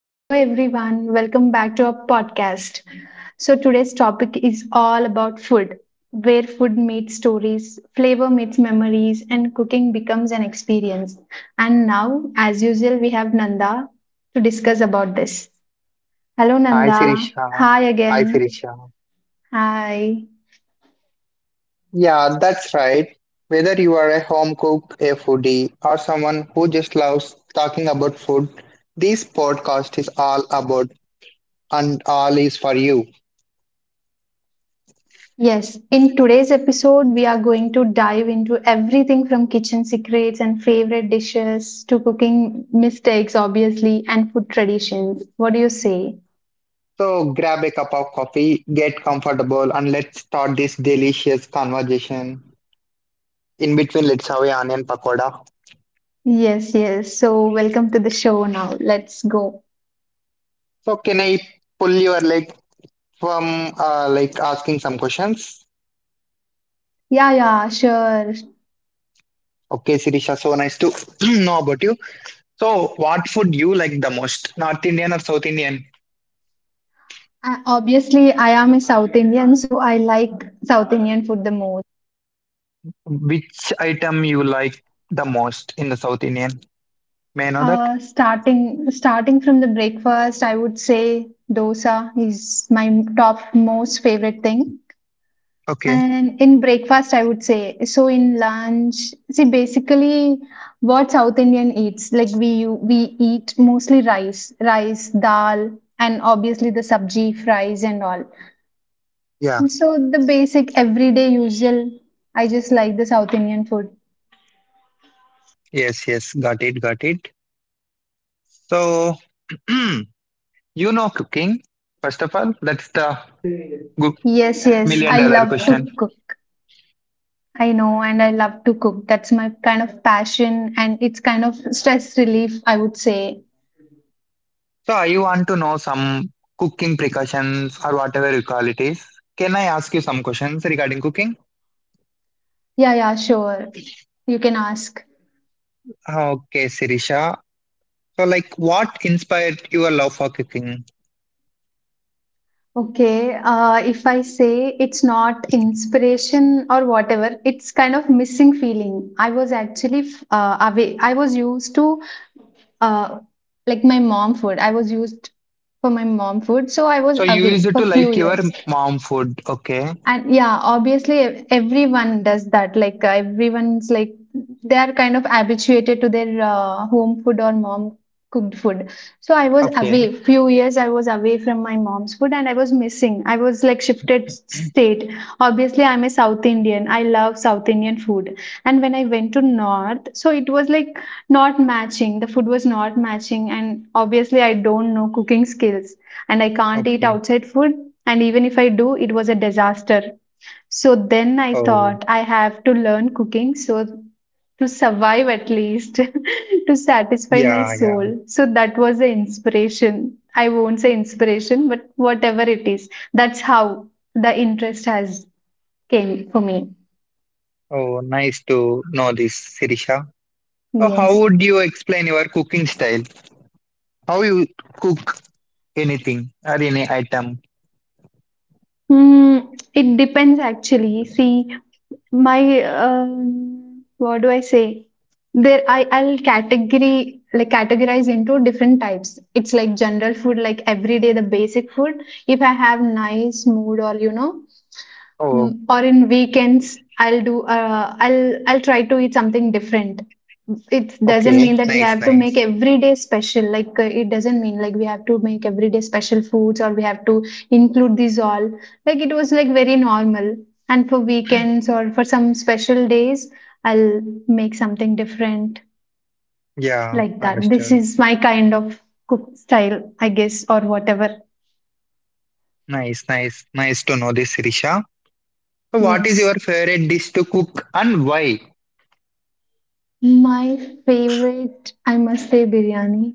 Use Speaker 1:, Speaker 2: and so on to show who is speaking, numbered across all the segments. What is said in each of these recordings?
Speaker 1: Hello, everyone. Welcome back to our podcast. So, today's topic is all about food, where food meets stories, flavor meets memories, and cooking becomes an experience. And now, as usual, we have Nanda to discuss about this. Hello,
Speaker 2: Hi
Speaker 1: Nanda.
Speaker 2: Sirisha.
Speaker 1: Hi
Speaker 2: Hi
Speaker 1: again.
Speaker 2: Sirisha.
Speaker 1: Hi.
Speaker 2: Yeah, that's right. Whether you are a home cook, a foodie, or someone who just loves talking about food, this podcast is all about and all is for you.
Speaker 1: Yes, in today's episode, we are going to dive into everything from kitchen secrets and favorite dishes to cooking mistakes, obviously, and food traditions. What do you say?
Speaker 2: So grab a cup of coffee, get comfortable, and let's start this delicious conversation. In between, let's have a onion pakoda.
Speaker 1: Yes, yes. So, welcome to the show now. Let's go.
Speaker 2: So can I pull your leg from like asking some questions?
Speaker 1: Yeah, yeah, sure.
Speaker 2: Okay, Sirisha, so nice to know about you. So, what food you like the most? North Indian or South Indian?
Speaker 1: Obviously, I am a South Indian, so I like South Indian food the most.
Speaker 2: Which item you like the most in the South Indian? May I know that?
Speaker 1: Starting from the breakfast, I would say dosa is my top most favorite thing.
Speaker 2: Okay.
Speaker 1: And in breakfast, I would say. So in lunch, see basically what South Indian eats. Like we we eat mostly rice, dal, and obviously the sabji, fries, and all.
Speaker 2: Yeah.
Speaker 1: And so the basic everyday usual. I just like the South Indian food.
Speaker 2: Yes, yes. Got it, got it. So, you know cooking. First of all, that's the good
Speaker 1: Yes, yes,
Speaker 2: million
Speaker 1: I
Speaker 2: dollar
Speaker 1: love
Speaker 2: question.
Speaker 1: to cook. I know, and I love to cook. That's my kind of passion, and it's kind of stress relief, I would say.
Speaker 2: So, I want to know some cooking precautions or whatever you call it is. Can I ask you some questions regarding cooking?
Speaker 1: Yeah, yeah, sure. You can ask.
Speaker 2: Okay, Sirisha. So, like, what inspired your love for cooking?
Speaker 1: Okay, if I say it's not inspiration or whatever, it's kind of missing feeling. I was actually away. I was used to uh, like my mom food. I was used for my mom food, so I was
Speaker 2: So you use
Speaker 1: away
Speaker 2: it
Speaker 1: for
Speaker 2: to
Speaker 1: few
Speaker 2: like your
Speaker 1: years.
Speaker 2: mom food. Okay.
Speaker 1: And yeah, obviously everyone does that. Like everyone's like they are kind of habituated to their home food or mom cooked food. So I was
Speaker 2: Okay.
Speaker 1: away few years. I was away from my mom's food, and I was missing. I was like shifted state. Obviously, I'm a South Indian. I love South Indian food. And when I went to North, so it was like not matching. The food was not matching, and obviously I don't know cooking skills and I can't eat
Speaker 2: Okay.
Speaker 1: outside food. And even if I do, it was a disaster. So then I
Speaker 2: Oh,
Speaker 1: thought I have to learn cooking so to survive at least, to satisfy my
Speaker 2: yeah, yeah.
Speaker 1: soul. So that was the inspiration. I won't say inspiration, but whatever it is, that's how the interest has came for me.
Speaker 2: Oh, nice to know this, Sirisha. So how
Speaker 1: Yes.
Speaker 2: would you explain your cooking style? How you cook anything or any item?
Speaker 1: Hmm, it depends actually. See, my what do I say? There, I I'll category like categorize into different types. It's like general food, like every day the basic food. If I have nice mood, or you know
Speaker 2: Oh,
Speaker 1: Mm, or in weekends I'll do I'll try to eat something different. It doesn't
Speaker 2: okay.
Speaker 1: mean that we
Speaker 2: Nice,
Speaker 1: have to make
Speaker 2: nice.
Speaker 1: every day special, like it doesn't mean like we have to make every day special foods, or we have to include these all. Like it was like very normal, and for weekends or for some special days, I'll make something different.
Speaker 2: Yeah,
Speaker 1: Like that, this
Speaker 2: understood.
Speaker 1: is my kind of cook style, I guess, or whatever.
Speaker 2: Nice, nice. Nice to know this, Sirisha. So what is your
Speaker 1: Yes,
Speaker 2: favorite dish to cook and why?
Speaker 1: my favorite, I must say, biryani.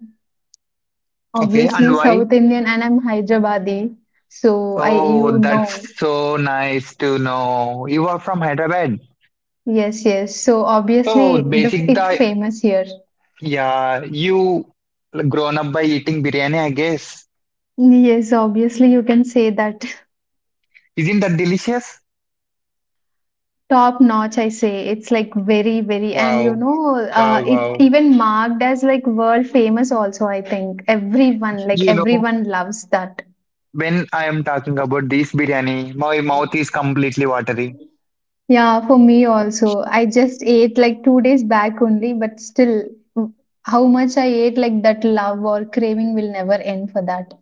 Speaker 2: Okay, and
Speaker 1: Obviously,
Speaker 2: why?
Speaker 1: South Indian, and I'm Hyderabadi, so I
Speaker 2: Oh,
Speaker 1: you know.
Speaker 2: that's so nice to know. You are from Hyderabad.
Speaker 1: Yes, yes. So
Speaker 2: So
Speaker 1: obviously,
Speaker 2: basic
Speaker 1: it's
Speaker 2: the
Speaker 1: famous here.
Speaker 2: yeah you like, grown up by eating biryani I guess,
Speaker 1: Yes, obviously, you can say that.
Speaker 2: isn't that delicious?
Speaker 1: Top notch. I say it's like very, very, and
Speaker 2: Wow, wow,
Speaker 1: it
Speaker 2: wow!
Speaker 1: even marked as like world famous also, I think. Everyone, like
Speaker 2: You know,
Speaker 1: everyone loves that.
Speaker 2: when I am talking about this biryani, my mouth is completely watery.
Speaker 1: Yeah, for me also. I just ate like 2 days back only, but still, w- how much I ate, like that love or craving will never end for that.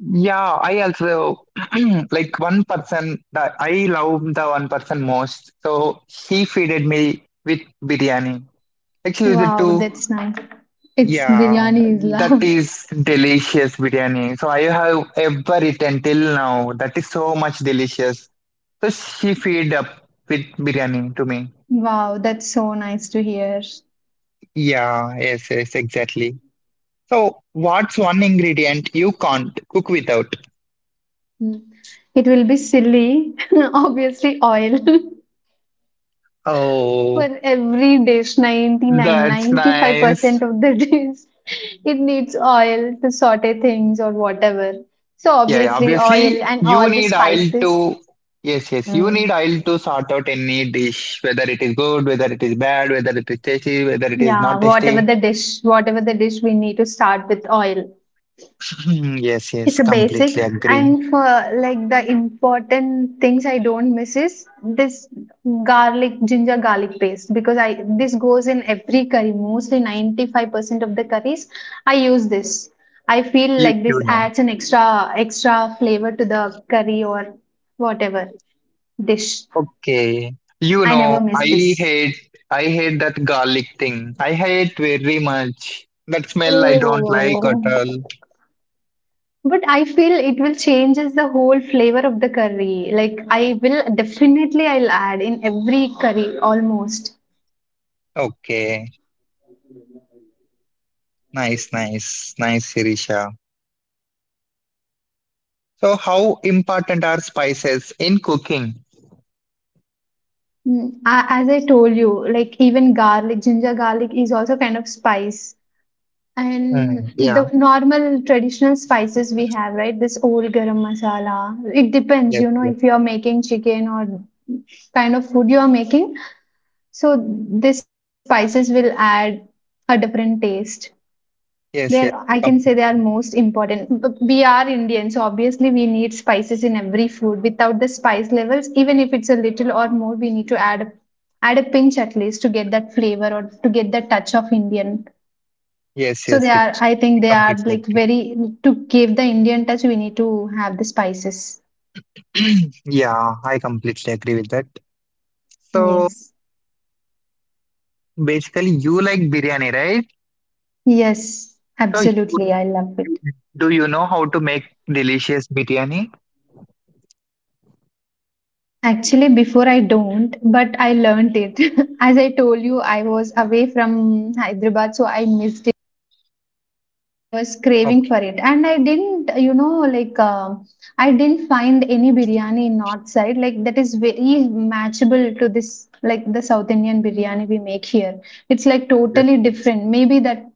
Speaker 2: Yeah, I also like one person that I love the one person most. So he feeded me with biryani. Actually, used
Speaker 1: Wow,
Speaker 2: to.
Speaker 1: that's nice. It's
Speaker 2: Yeah,
Speaker 1: biryani is
Speaker 2: that
Speaker 1: love.
Speaker 2: is delicious biryani. So I have ever eaten till now. That is so much delicious. So she feed up with biryani to me.
Speaker 1: Wow, that's so nice to hear.
Speaker 2: Yeah, yes, yes, exactly. So what's one ingredient you can't cook without?
Speaker 1: Mm. It will be silly, obviously oil for
Speaker 2: Oh,
Speaker 1: every dish,
Speaker 2: that's
Speaker 1: ninety five
Speaker 2: nice.
Speaker 1: percent of the dish. It needs oil to saute things or whatever. So
Speaker 2: Yeah, yeah,
Speaker 1: obviously oil
Speaker 2: obviously
Speaker 1: and
Speaker 2: you
Speaker 1: all the
Speaker 2: need oil
Speaker 1: spices.
Speaker 2: to, yes, yes, you need
Speaker 1: Mm.
Speaker 2: oil to sort out any dish, whether it is good, whether it is bad, whether it is tasty, whether it is
Speaker 1: Yeah,
Speaker 2: not
Speaker 1: whatever
Speaker 2: tasty.
Speaker 1: the dish, whatever the dish, we need to start with oil.
Speaker 2: Hmm, yes, yes,
Speaker 1: It's a basic,
Speaker 2: completely agree.
Speaker 1: and for like the important things I don't miss is this garlic, ginger garlic paste, because I this goes in every curry, mostly 95% of the curries I use this. I feel
Speaker 2: You,
Speaker 1: like
Speaker 2: you
Speaker 1: this
Speaker 2: know.
Speaker 1: adds an extra flavor to the curry or whatever dish.
Speaker 2: Okay. You
Speaker 1: I
Speaker 2: know,
Speaker 1: never miss this.
Speaker 2: hate I hate that garlic thing. I hate very much. That smell I don't like at
Speaker 1: Oh.
Speaker 2: all.
Speaker 1: But I feel it will changes the whole flavor of the curry. Like I will definitely I'll add in every curry almost.
Speaker 2: Okay. Nice, nice, nice, Sirisha. So how important are spices in cooking?
Speaker 1: As I told you, like even garlic, ginger garlic is also kind of spice. And
Speaker 2: Mm, yeah,
Speaker 1: the normal traditional spices we have, right? This old garam masala. It depends,
Speaker 2: yes, yes,
Speaker 1: if you're making chicken or kind of food you're making. So these spices will add a different taste. There,
Speaker 2: yes, yes,
Speaker 1: I can say they are
Speaker 2: completely.
Speaker 1: most important. But we are Indian, so obviously we need spices in every food. Without the spice levels, even if it's a little or more, we need to add a pinch at least to get that flavor or to get that touch of Indian.
Speaker 2: Yes,
Speaker 1: So
Speaker 2: yes,
Speaker 1: they are,
Speaker 2: it's
Speaker 1: I think they
Speaker 2: I
Speaker 1: are
Speaker 2: completely
Speaker 1: like
Speaker 2: agree.
Speaker 1: very, to give the Indian touch. We need to have the spices.
Speaker 2: Yeah, I completely agree with that. So
Speaker 1: Yes,
Speaker 2: basically you like biryani, right?
Speaker 1: yes,
Speaker 2: So you,
Speaker 1: absolutely. I love
Speaker 2: you
Speaker 1: it.
Speaker 2: do you know how to make delicious biryani?
Speaker 1: Actually, before I don't, but I learned it. As I told you, I was away from Hyderabad, so I missed and I was craving
Speaker 2: Okay.
Speaker 1: for it. And I didn't, I didn't find any biryani in north side. Like that is very matchable to this, like the South Indian biryani we make here. It's like totally
Speaker 2: Yes.
Speaker 1: different. Maybe that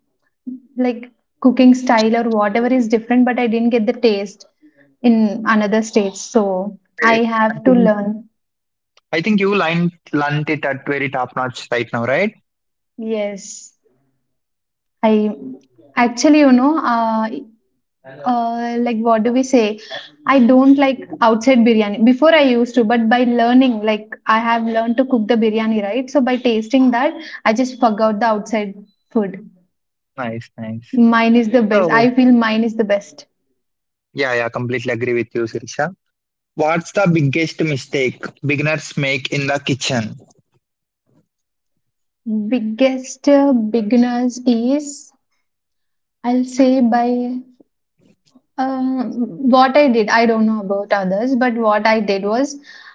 Speaker 1: like cooking style or whatever is different, but I didn't get the taste in another states. So
Speaker 2: Eh,
Speaker 1: I
Speaker 2: I
Speaker 1: have to
Speaker 2: think
Speaker 1: learn.
Speaker 2: I think you line learned it at very top notch right now, right?
Speaker 1: Yes, I actually, you know, like what do we say I don't like outside biryani. Before I used to, but by learning, like I have learned to cook the biryani, right? So by tasting that, I just forgot the outside food.
Speaker 2: Nice, nice.
Speaker 1: Mine is the best,
Speaker 2: So
Speaker 1: I feel mine is the best.
Speaker 2: yeah, yeah, completely agree with you, Sirisha. What's the biggest mistake beginners make in the kitchen?
Speaker 1: Biggest beginners is, I'll say by um, what I did, I don't know about others, but what I did was,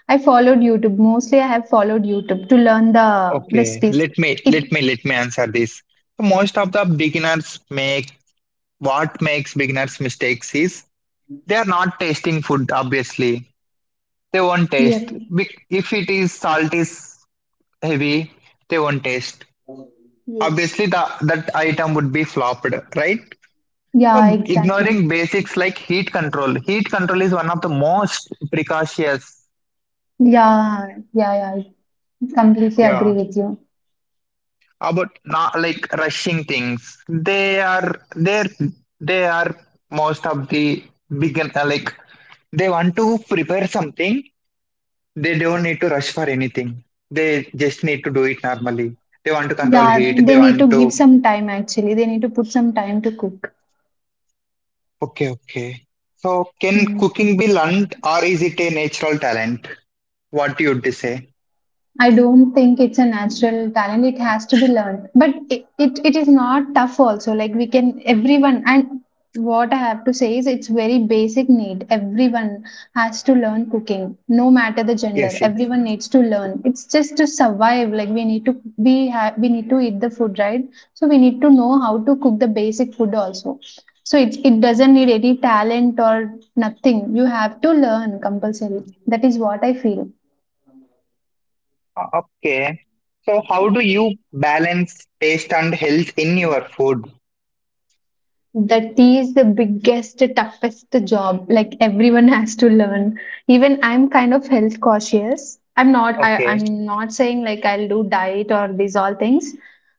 Speaker 1: I have followed YouTube to learn the
Speaker 2: Okay,
Speaker 1: recipes.
Speaker 2: let me
Speaker 1: It
Speaker 2: let me let me answer this. So, most of the beginners make, what makes beginners mistakes is they are not tasting food, obviously they won't
Speaker 1: Yeah,
Speaker 2: taste. If it is salt is heavy, they won't taste.
Speaker 1: yes.
Speaker 2: Obviously, that item would be flopped, right?
Speaker 1: Yeah, exactly.
Speaker 2: Ignoring basics like heat control. Heat control is one of the most precocious.
Speaker 1: Yeah, yeah, yeah. I completely agree
Speaker 2: Yeah,
Speaker 1: with you.
Speaker 2: about not like rushing things. They are most of the begin like they want to prepare something. They don't need to rush for anything. They just need to do it normally. They want to control
Speaker 1: Yeah,
Speaker 2: heat. They
Speaker 1: they need to
Speaker 2: want to.
Speaker 1: give some time actually. They need to put some time to cook.
Speaker 2: Okay, okay. So, can
Speaker 1: Mm.
Speaker 2: cooking be learned or is it a natural talent? What you would say?
Speaker 1: I don't think it's a natural talent. It has to be learned. But it is not tough also. Like we can, everyone, and what I have to say is it's very basic need. Everyone has to learn cooking, no matter the gender.
Speaker 2: Yes, yes.
Speaker 1: Everyone needs to learn. It's just to survive. Like we need to eat the food, right? So we need to know how to cook the basic food also. So it doesn't need any talent or nothing. You have to learn compulsory. That is what I feel.
Speaker 2: Okay. So, how do you balance taste and health in your food?
Speaker 1: That is the biggest toughest job, like everyone has to learn. Even I'm kind of health cautious, i'm not I,
Speaker 2: Okay.
Speaker 1: i'm not saying like I'll do diet or these all things,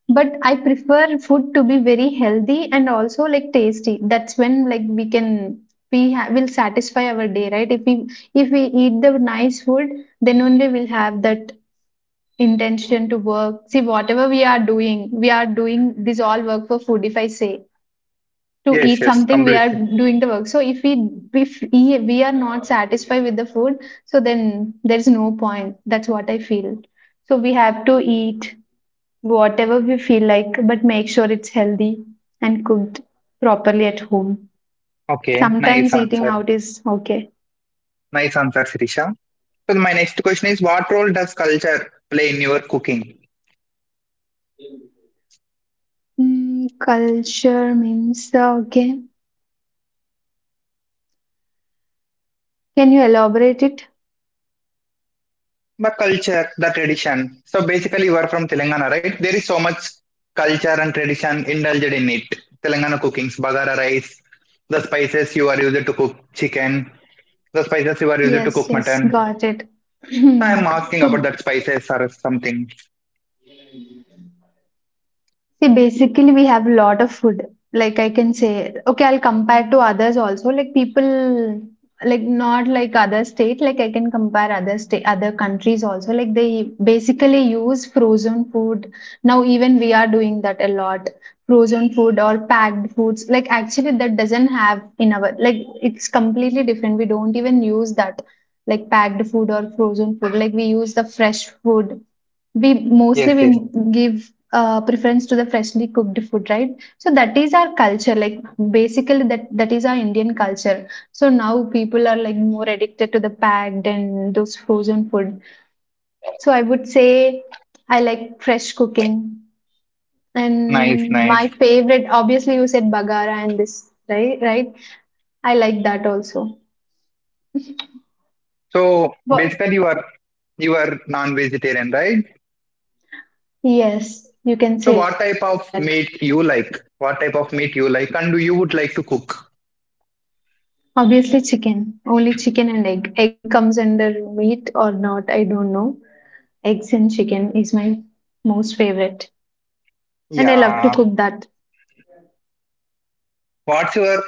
Speaker 1: but I prefer food to be very healthy and also like tasty. That's when, like, we can, will satisfy our day, right? If we, if we eat the nice food, then only we'll have that intention to work. See, whatever we are doing, we are doing this all work for food. If I say to
Speaker 2: Yes,
Speaker 1: eat
Speaker 2: yes,
Speaker 1: something, we are
Speaker 2: completely.
Speaker 1: doing the work. So if we, if we are not satisfied with the food, so then there's no point. That's what I feel. So we have to eat whatever we feel like, but make sure it's healthy and cooked properly at home.
Speaker 2: Okay, nice
Speaker 1: Sometimes eating
Speaker 2: answer.
Speaker 1: out is okay.
Speaker 2: Nice answer, Sirisha. So, my next question is, what role does culture play in your cooking?
Speaker 1: Mm, culture means, okay, can you elaborate it?
Speaker 2: My culture, the tradition. So basically, you are from Telangana, right? There is so much culture and tradition indulged in it. Telangana cookings, bagara rice, the spices you are used to cook chicken, the spices you are used to
Speaker 1: Yes,
Speaker 2: cook
Speaker 1: yes,
Speaker 2: mutton.
Speaker 1: got it.
Speaker 2: So, I am asking
Speaker 1: So.
Speaker 2: about that spices or something.
Speaker 1: See, basically, we have a lot of food. Like I can say, okay, I'll compare to others also. Like people, like not like other state. Like I can compare other state, other countries also. Like they basically use frozen food. Now even we are doing that a lot. Frozen food or packed foods. Like actually, that doesn't have in our, like it's completely different. We don't even use that like packed food or frozen food. Like we use the fresh food, we mostly
Speaker 2: Yes,
Speaker 1: we
Speaker 2: yes.
Speaker 1: give preference to the freshly cooked food, right? So that is our culture, like basically that is our Indian culture. So now people are like more addicted to the packed and those frozen food. So I would say I like fresh cooking.
Speaker 2: Nice,
Speaker 1: And
Speaker 2: nice.
Speaker 1: my favorite, obviously, you said bagara and this, right, right, I like that also.
Speaker 2: So
Speaker 1: But
Speaker 2: basically, you are non-vegetarian, right?
Speaker 1: yes, you can
Speaker 2: So
Speaker 1: say
Speaker 2: what
Speaker 1: that.
Speaker 2: type of meat you like? What type of meat you like, and do you would like to cook?
Speaker 1: Obviously, chicken. Only chicken and egg. Egg comes under meat or not, I don't know. Eggs and chicken is my most favorite. And I love to
Speaker 2: Yeah.
Speaker 1: cook that.
Speaker 2: What's your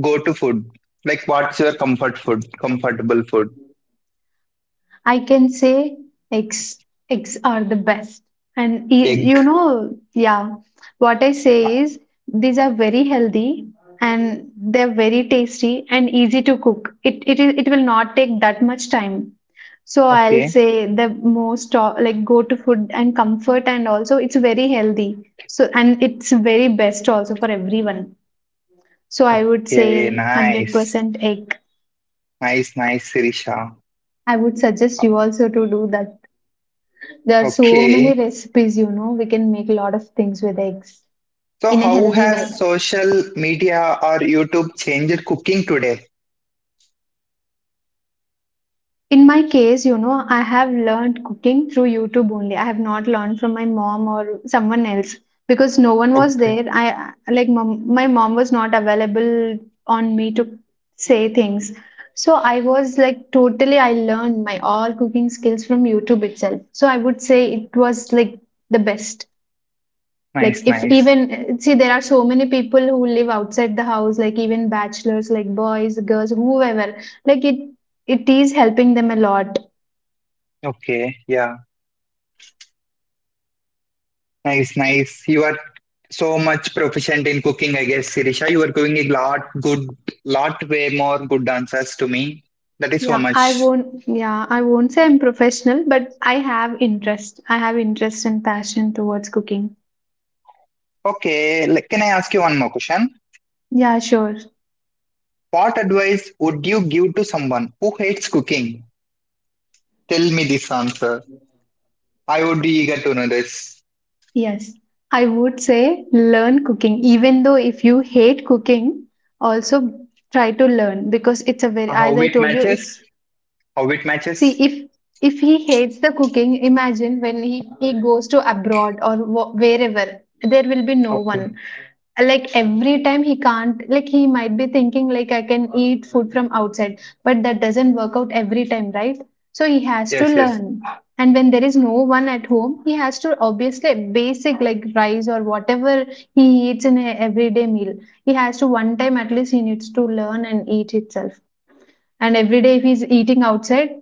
Speaker 2: go-to food? Like, what's your comfort food? Comfortable food?
Speaker 1: I can say eggs. Eggs are the best. And y-
Speaker 2: Egg.
Speaker 1: you know, yeah, what I say is these are very healthy and they're very tasty and easy to cook. It will not take that much time. So I'll
Speaker 2: Okay.
Speaker 1: say the most like go to food and comfort, and also it's very healthy. So, and it's very best also for everyone. So I would say
Speaker 2: Okay. Nice.
Speaker 1: 100% egg.
Speaker 2: Nice. Nice, Sirisha.
Speaker 1: I would suggest you also to do that. There are so many
Speaker 2: Okay.
Speaker 1: recipes, you know, we can make a lot of things with eggs
Speaker 2: So,
Speaker 1: in a
Speaker 2: how
Speaker 1: healthy
Speaker 2: has
Speaker 1: way.
Speaker 2: social media or YouTube changed cooking today?
Speaker 1: In my case, you know, I have learned cooking through YouTube only. I have not learned from my mom or someone else because no one was
Speaker 2: Okay.
Speaker 1: there. My mom was not available on me to say things. So I was like totally I learned my all cooking skills from YouTube itself. So I would say it was like the best. Like
Speaker 2: Nice.
Speaker 1: if
Speaker 2: Nice.
Speaker 1: even see, there are so many people who live outside the house, like even bachelors, like boys, girls, whoever, like it it is helping them a lot.
Speaker 2: Okay. Yeah. Nice. Nice. You are so much proficient in cooking, I guess, Sirisha. You are giving a lot good, lot way more good answers to me. That is so much.
Speaker 1: Yeah, I won't say I'm professional, but I have interest. I have interest and passion towards cooking.
Speaker 2: Okay, can I ask you one more question?
Speaker 1: Yeah, sure.
Speaker 2: What advice would you give to someone who hates cooking? Tell me this answer. I would be eager to know this.
Speaker 1: Yes, I would say learn cooking, even though if you hate cooking, also try to learn because it's a very, as
Speaker 2: How
Speaker 1: I
Speaker 2: it
Speaker 1: told you, it's,
Speaker 2: matches? How it
Speaker 1: see,
Speaker 2: matches?
Speaker 1: if he hates the cooking, imagine when he goes to abroad or wherever, there will be no
Speaker 2: Okay.
Speaker 1: one. Like every time he can't, like he might be thinking like I can eat food from outside, but that doesn't work out every time, right? So he has to
Speaker 2: Yes, yes.
Speaker 1: learn. And when there is no one at home, he has to obviously basic like rice or whatever he eats in a everyday meal, he has to one time at least he needs to learn and eat itself. And every day if he's eating outside,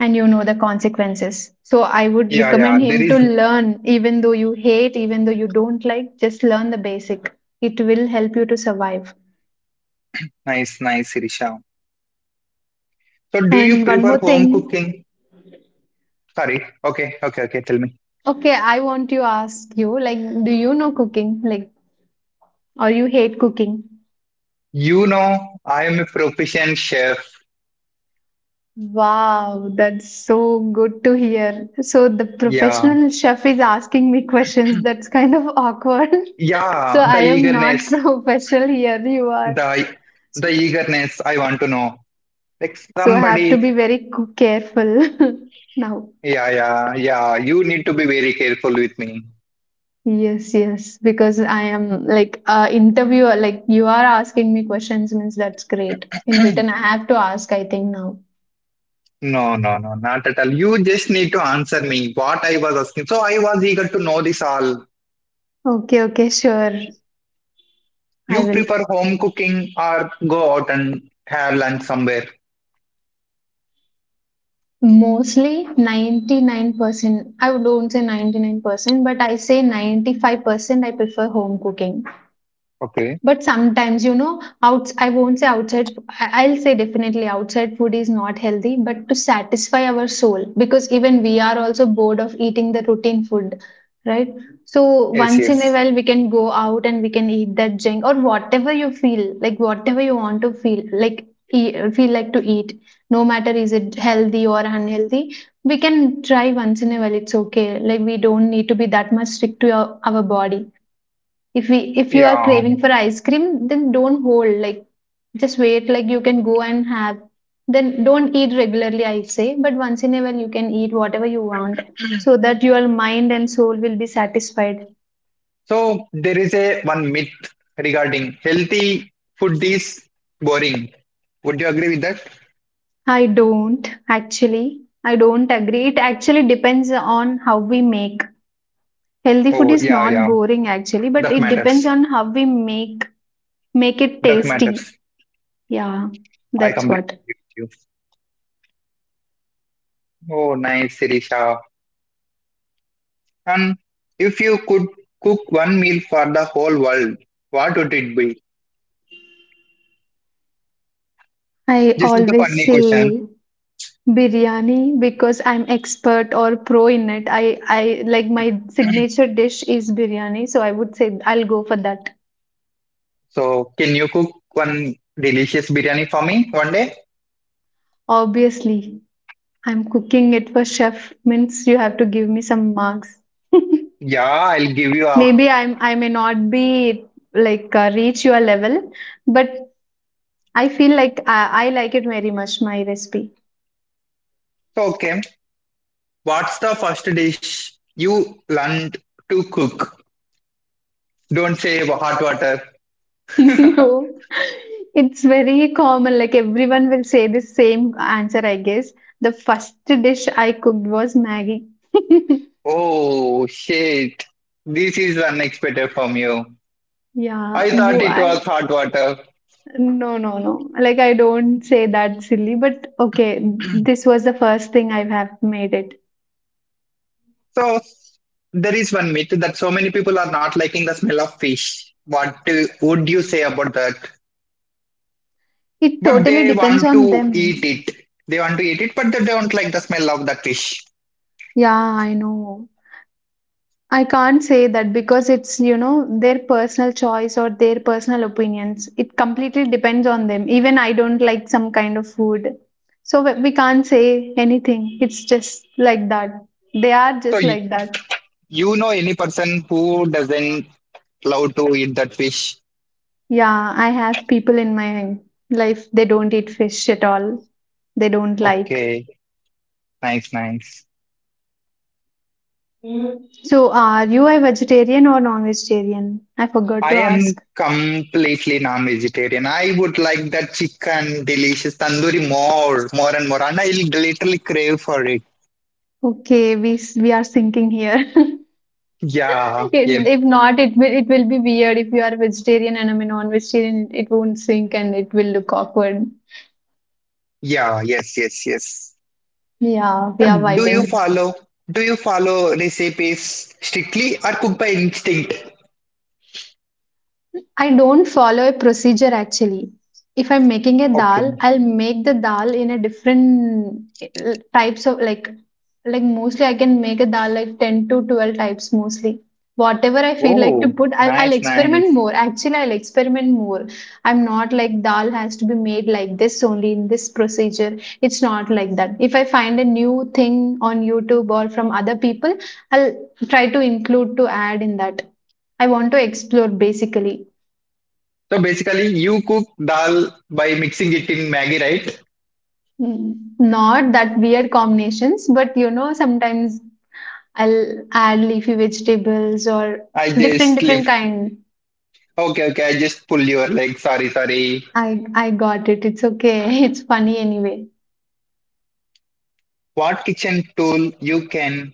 Speaker 1: and you know the consequences. So I would
Speaker 2: Yeah, yeah.
Speaker 1: recommend
Speaker 2: There
Speaker 1: him to
Speaker 2: is
Speaker 1: learn, even though you hate, even though you don't like, just learn the basic. It will help you to survive.
Speaker 2: nice, nice, Irisha. So, do you
Speaker 1: And one
Speaker 2: prefer
Speaker 1: more
Speaker 2: home
Speaker 1: thing.
Speaker 2: cooking? Sorry. Okay, okay, okay. Tell me.
Speaker 1: Okay, I want to ask you, like, do you know cooking? Like, or you hate cooking?
Speaker 2: You know, I am a proficient chef.
Speaker 1: Wow, that's so good to hear. So the
Speaker 2: Yeah,
Speaker 1: professional chef is asking me questions. That's kind of awkward. So
Speaker 2: yeah. The
Speaker 1: I am not
Speaker 2: eagerness,
Speaker 1: professional here. You are.
Speaker 2: the the eagerness. I want to know. Like
Speaker 1: So I have to
Speaker 2: somebody.
Speaker 1: be very careful now.
Speaker 2: Yeah, yeah, yeah. You need to be very careful with me.
Speaker 1: Yes, yes, because I am like a interviewer. Like you are asking me questions, means that's great. In return, I have to ask. I think now.
Speaker 2: No, no, no, not at all. You just need to answer me what I was asking. So I was eager to know this all.
Speaker 1: Okay, okay, sure. I
Speaker 2: You
Speaker 1: will.
Speaker 2: prefer home cooking or go out and have lunch somewhere?
Speaker 1: Mostly 99%. I don't say 99%, but I say 95% I prefer home cooking.
Speaker 2: Okay.
Speaker 1: But sometimes, you know, out I won't say outside I- I'll say definitely outside food is not healthy, but to satisfy our soul, because even we are also bored of eating the routine food, right? So
Speaker 2: Yes,
Speaker 1: once in a
Speaker 2: yes.
Speaker 1: while we can go out and we can eat that junk or whatever you feel, like whatever you want to feel, like feel like to eat, no matter is it healthy or unhealthy, we can try once in a while. It's okay. Like we don't need to be that much strict to our body. If we if you are
Speaker 2: Yeah.
Speaker 1: craving for ice cream, then don't hold, like just wait, like you can go and have. Then don't eat regularly, I say, but once in a while you can eat whatever you want, so that your mind and soul will be satisfied.
Speaker 2: So there is a one myth regarding healthy food is boring. Would you agree with that?
Speaker 1: i don't actually I don't agree. It actually depends on how we make. Healthy food
Speaker 2: Oh,
Speaker 1: is
Speaker 2: yeah,
Speaker 1: not
Speaker 2: yeah.
Speaker 1: boring actually, but
Speaker 2: That
Speaker 1: it
Speaker 2: matters.
Speaker 1: depends on how we make it
Speaker 2: That
Speaker 1: tasty.
Speaker 2: matters.
Speaker 1: Yeah,
Speaker 2: I
Speaker 1: that's
Speaker 2: completely
Speaker 1: what
Speaker 2: agree with you. Oh, nice, Sirisha. And if you could cook one meal for the whole world, what would it be?
Speaker 1: I
Speaker 2: This is the
Speaker 1: always
Speaker 2: funny question.
Speaker 1: say. Biryani, because I'm expert or pro in it. I like, my signature dish is biryani, so I would say I'll go for that.
Speaker 2: So, can you cook one delicious biryani for me one day?
Speaker 1: Obviously, I'm cooking it for chef means you have to give me some marks.
Speaker 2: Yeah, I'll give you
Speaker 1: Maybe
Speaker 2: up.
Speaker 1: I may not be like reach your level, but I feel like I like it very much, my recipe.
Speaker 2: So, okay. What's the first dish you learned to cook? Don't say hot water.
Speaker 1: No, it's very common. Like everyone will say the same answer, I guess. The first dish I cooked was Maggie.
Speaker 2: Oh, shit. This is unexpected from you.
Speaker 1: Yeah,
Speaker 2: I thought it was hot water.
Speaker 1: no, no, no. Like I don't say that silly, but okay, this was the first thing I have made it.
Speaker 2: So there is one myth that so many people are not liking the smell of fish. What would you say about that?
Speaker 1: It
Speaker 2: But
Speaker 1: totally
Speaker 2: they
Speaker 1: depends
Speaker 2: want
Speaker 1: on
Speaker 2: to eat
Speaker 1: them.
Speaker 2: it. They want to eat it, but they don't like the smell of that fish.
Speaker 1: Yeah, I know. I can't say that because it's, you know, their personal choice or their personal opinions. It completely depends on them. Even I don't like some kind of food. So we can't say anything. It's just like that. They are
Speaker 2: So
Speaker 1: just
Speaker 2: you,
Speaker 1: like that.
Speaker 2: you know any person who doesn't love to eat that fish?
Speaker 1: Yeah, I have people in my life, they don't eat fish at all. They don't like.
Speaker 2: Okay, nice, nice.
Speaker 1: So are you a vegetarian or non-vegetarian? I forgot to
Speaker 2: I
Speaker 1: ask.
Speaker 2: am completely non-vegetarian. I would like that chicken, delicious tandoori more, more and more, and I literally crave for it.
Speaker 1: Okay, we are thinking here.
Speaker 2: Yeah, yeah.
Speaker 1: If not, it will be weird if you are vegetarian and I'm a non-vegetarian. It won't sync and it will look awkward.
Speaker 2: Yeah, yes, yes, yes.
Speaker 1: Yeah, we
Speaker 2: So
Speaker 1: are
Speaker 2: do you
Speaker 1: vibing.
Speaker 2: follow do you follow recipes strictly or cook by instinct?
Speaker 1: I don't follow a procedure actually. If I'm making a
Speaker 2: Okay.
Speaker 1: dal, I'll make the dal in a different types of like, mostly I can make a dal like 10 to 12 types mostly. Whatever I feel like to
Speaker 2: Oh,
Speaker 1: put, I'll
Speaker 2: nice,
Speaker 1: experiment
Speaker 2: nice.
Speaker 1: more. Actually, I'll experiment more. I'm not like dal has to be made like this only in this procedure. It's not like that. If I find a new thing on YouTube or from other people, I'll try to include to add in that. I want to explore basically.
Speaker 2: So basically you cook dal by mixing it in Maggi, right?
Speaker 1: Mm, not that weird combinations, but you know, sometimes I'll add leafy vegetables or
Speaker 2: I
Speaker 1: different
Speaker 2: just
Speaker 1: different
Speaker 2: slipped.
Speaker 1: kind.
Speaker 2: Okay, okay, I just pull your leg. Sorry, sorry.
Speaker 1: I got it. It's okay. It's funny anyway.
Speaker 2: What kitchen tool you can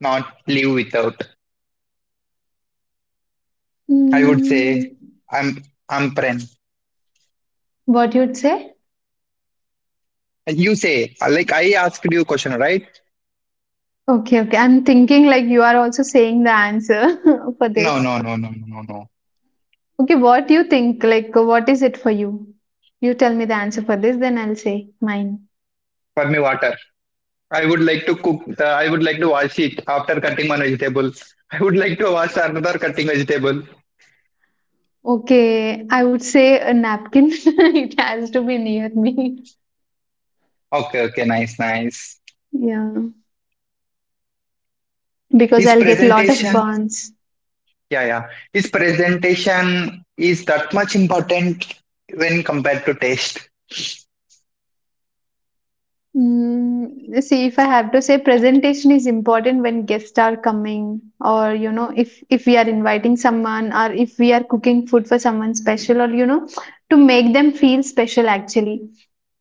Speaker 2: not live without? I would say
Speaker 1: Mm,
Speaker 2: I'm I'm pren.
Speaker 1: what you'd say?
Speaker 2: You say like I asked you question, right?
Speaker 1: Okay, okay. I'm thinking like you are also saying the answer for
Speaker 2: No,
Speaker 1: this.
Speaker 2: no, no, no, no, no, no.
Speaker 1: Okay, what do you think? Like, what is it for you? You tell me the answer for this, then I'll say mine.
Speaker 2: For me, water. I would like to cook. I would like to wash it after cutting one vegetable. I would like to wash another cutting vegetable.
Speaker 1: Okay, I would say a napkin. It has to be near me.
Speaker 2: Okay, okay, nice, nice.
Speaker 1: Yeah. Because
Speaker 2: Is
Speaker 1: I'll get a lot of
Speaker 2: presentation,
Speaker 1: burns.
Speaker 2: yeah, yeah. Is presentation is that much important when compared to taste.
Speaker 1: Mm, see, if I have to say, presentation is important when guests are coming, or you know, if we are inviting someone, or if we are cooking food for someone special, or you know, to make them feel special. Actually,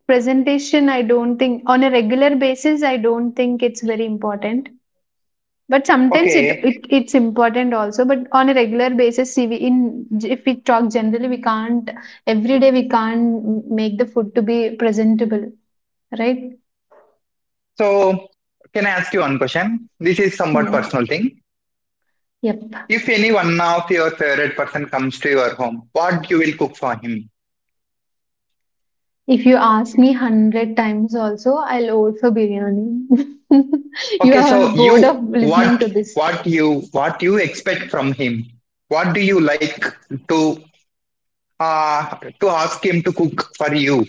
Speaker 1: presentation, I don't think on a regular basis, I don't think it's very important. But sometimes
Speaker 2: Okay,
Speaker 1: it's important also. But on a regular basis, see, we in if we talk generally, we can't, every day we can't make the food to be presentable. Right?
Speaker 2: so can I ask you one question? This is somewhat
Speaker 1: Yes.
Speaker 2: personal thing.
Speaker 1: Yep.
Speaker 2: If any one of your favorite person comes to your home, what you will cook for him?
Speaker 1: If you ask me hundred times also, I'll vote for biryani. You
Speaker 2: Okay,
Speaker 1: are
Speaker 2: so
Speaker 1: bored
Speaker 2: you
Speaker 1: of listening
Speaker 2: what
Speaker 1: to this.
Speaker 2: what you what you expect from him? What do you like to to ask him to cook for you?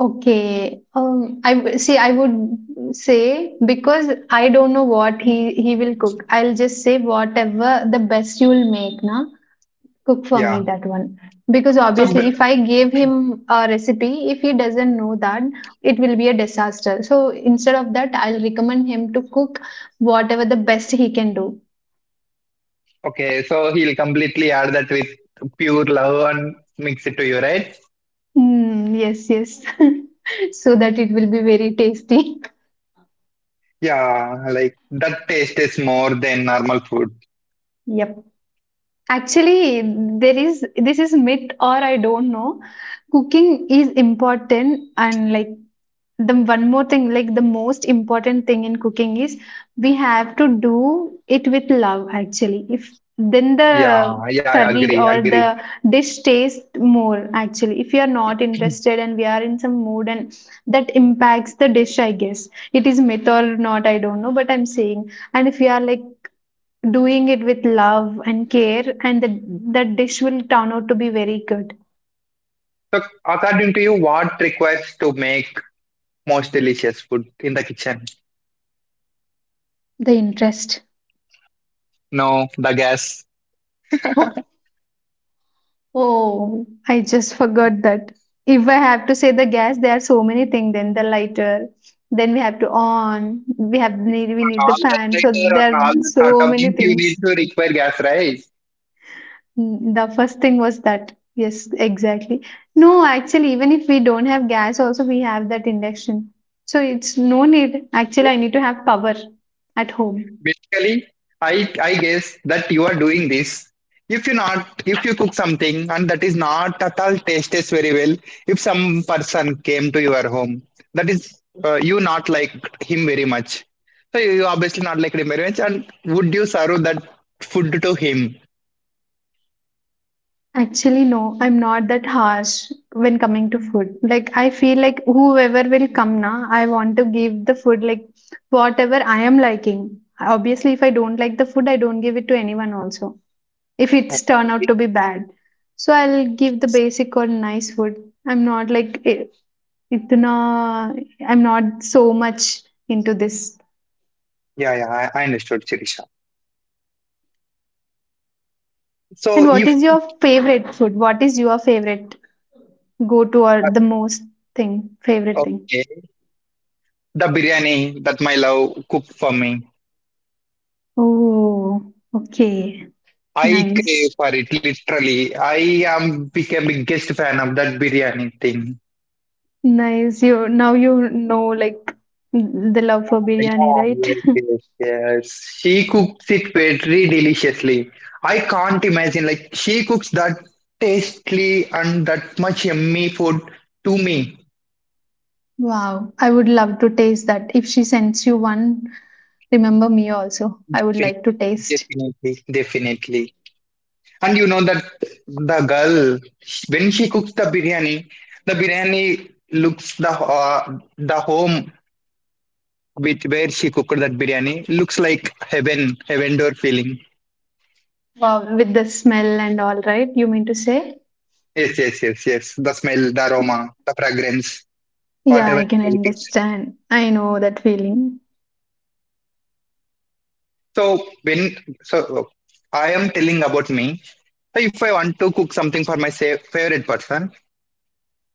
Speaker 1: Okay. I see. I would say, because I don't know what he will cook. I'll just say whatever the best you'll make, na. Cook for me
Speaker 2: Yeah.
Speaker 1: that one. Because
Speaker 2: So b-
Speaker 1: obviously, if I gave him a recipe, if he doesn't know that, it will be a disaster. So instead of that, I'll recommend him to cook whatever the best he can do.
Speaker 2: okay, so he'll completely add that with pure love and mix it to you, right?
Speaker 1: Mm, yes, yes. So that it will be very tasty.
Speaker 2: Yeah, like that taste is more than normal food.
Speaker 1: Yep. Actually, there is, this is myth or I don't know. Cooking is important, and like the one more thing, like the most important thing in cooking is we have to do it with love actually. If, then the
Speaker 2: Yeah, yeah, I
Speaker 1: curry
Speaker 2: agree,
Speaker 1: or
Speaker 2: agree.
Speaker 1: the dish tastes more actually. If you are not interested and we are in some mood, and that impacts the dish, I guess. It is myth or not, I don't know, but I'm saying, and if you are like doing it with love and care, and the, that dish will turn out to be very good.
Speaker 2: So according to you, what requires to make most delicious food in the kitchen?
Speaker 1: The interest.
Speaker 2: No, the gas.
Speaker 1: Oh, I just forgot that. If I have to say the gas, there are so many things. Then the lighter, then we have to on. We need the
Speaker 2: Naalna's
Speaker 1: pan. So
Speaker 2: lighter or
Speaker 1: there are
Speaker 2: Naalna's hot
Speaker 1: so
Speaker 2: up
Speaker 1: many
Speaker 2: means you need
Speaker 1: things.
Speaker 2: to require gas, right?
Speaker 1: Mm, the first thing was that. Yes, exactly. No, actually, even if we don't have gas, also we have that induction. So it's no need. Actually, I need to have power at home.
Speaker 2: Basically, I I guess that you are doing this. If you cook something and that is not at all tastes very well, if some person came to your home, that is you not like him very much. So you obviously not like him very much, and would you serve that food to him?
Speaker 1: Actually, no, I'm not that harsh when coming to food. Like, I feel like whoever will come na, I want to give the food like whatever I am liking. Obviously, if I don't like the food, I don't give it to anyone also. If it's turn out to be bad. So I'll give the basic or nice food. I'm not like it, itna, I'm not so much into this.
Speaker 2: Yeah, yeah, I understood, Sirisha.
Speaker 1: And
Speaker 2: So
Speaker 1: what
Speaker 2: if,
Speaker 1: is your favorite food? What is your favorite go to, or the most thing, favorite thing?
Speaker 2: okay, the biryani that my love cooked for me.
Speaker 1: Oh, okay.
Speaker 2: I crave
Speaker 1: Nice.
Speaker 2: for it literally. I am became biggest fan of that biryani thing.
Speaker 1: Nice. You, now you know like the love for biryani,
Speaker 2: Yeah,
Speaker 1: right?
Speaker 2: yes, yes, yes. She cooks it very deliciously. I can't imagine like she cooks that tastily and that much yummy food to me.
Speaker 1: Wow. I would love to taste that. If she sends you one, remember me also. I would like to taste.
Speaker 2: Definitely, definitely. And you know that the girl, when she cooks the biryani looks the home with where she cooked that biryani looks like heaven, heaven door feeling.
Speaker 1: Wow, with the smell and all, right? You mean to say?
Speaker 2: Yes, yes, yes, yes. The smell, the aroma, the fragrance,
Speaker 1: Yeah,
Speaker 2: whatever
Speaker 1: I can
Speaker 2: it is.
Speaker 1: understand. I know that feeling.
Speaker 2: So when so I am telling about me. So if I want to cook something for my favorite person,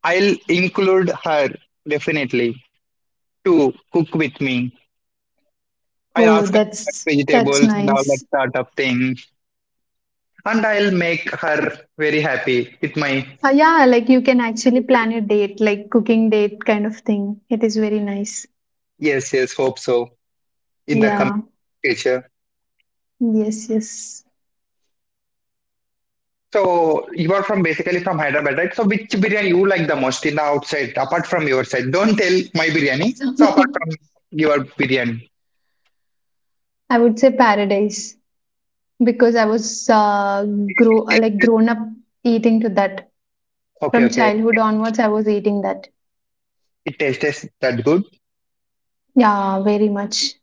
Speaker 2: I'll include her definitely to cook with me. I'll
Speaker 1: Oh,
Speaker 2: ask her about
Speaker 1: that's
Speaker 2: vegetables and all that
Speaker 1: nice.
Speaker 2: sort of thing, and I'll make her very happy with my,
Speaker 1: Yeah, like you can actually plan a date, like cooking date kind of thing. It is very nice.
Speaker 2: yes, yes, hope so in the coming
Speaker 1: Yeah.
Speaker 2: future.
Speaker 1: Yes, yes.
Speaker 2: So you are from basically from Hyderabad, right? So which biryani you like the most in the outside, apart from your side? Don't tell my biryani. So apart from your biryani,
Speaker 1: I would say paradise because I was grown up eating to that.
Speaker 2: okay,
Speaker 1: From
Speaker 2: okay,
Speaker 1: childhood onwards, I was eating that.
Speaker 2: it tastes that good.
Speaker 1: Yeah, very much.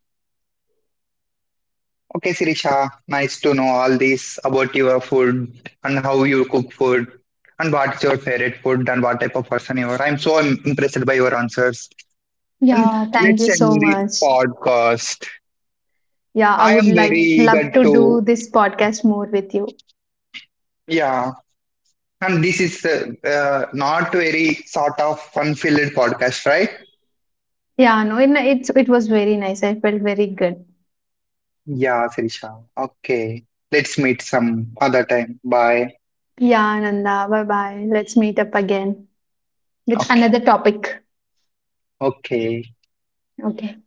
Speaker 2: Okay, Sirisha, nice to know all this about your food and how you cook food and what's your favorite food and what type of person you are. I'm so impressed by your answers. And
Speaker 1: Yeah, thank
Speaker 2: let's
Speaker 1: you
Speaker 2: end
Speaker 1: so
Speaker 2: this
Speaker 1: much.
Speaker 2: podcast.
Speaker 1: Yeah, I
Speaker 2: I am
Speaker 1: would like
Speaker 2: very
Speaker 1: love
Speaker 2: eager
Speaker 1: to do
Speaker 2: to,
Speaker 1: this podcast more with you.
Speaker 2: yeah. And this is not very sort of fun-filled podcast, right?
Speaker 1: Yeah, no, it's it was very nice. I felt very good.
Speaker 2: Yeah, Sirisha. Okay. Let's meet some other time. Bye.
Speaker 1: Yeah, Nanda, bye bye. Let's meet up again with
Speaker 2: Okay.
Speaker 1: another topic.
Speaker 2: Okay.
Speaker 1: Okay.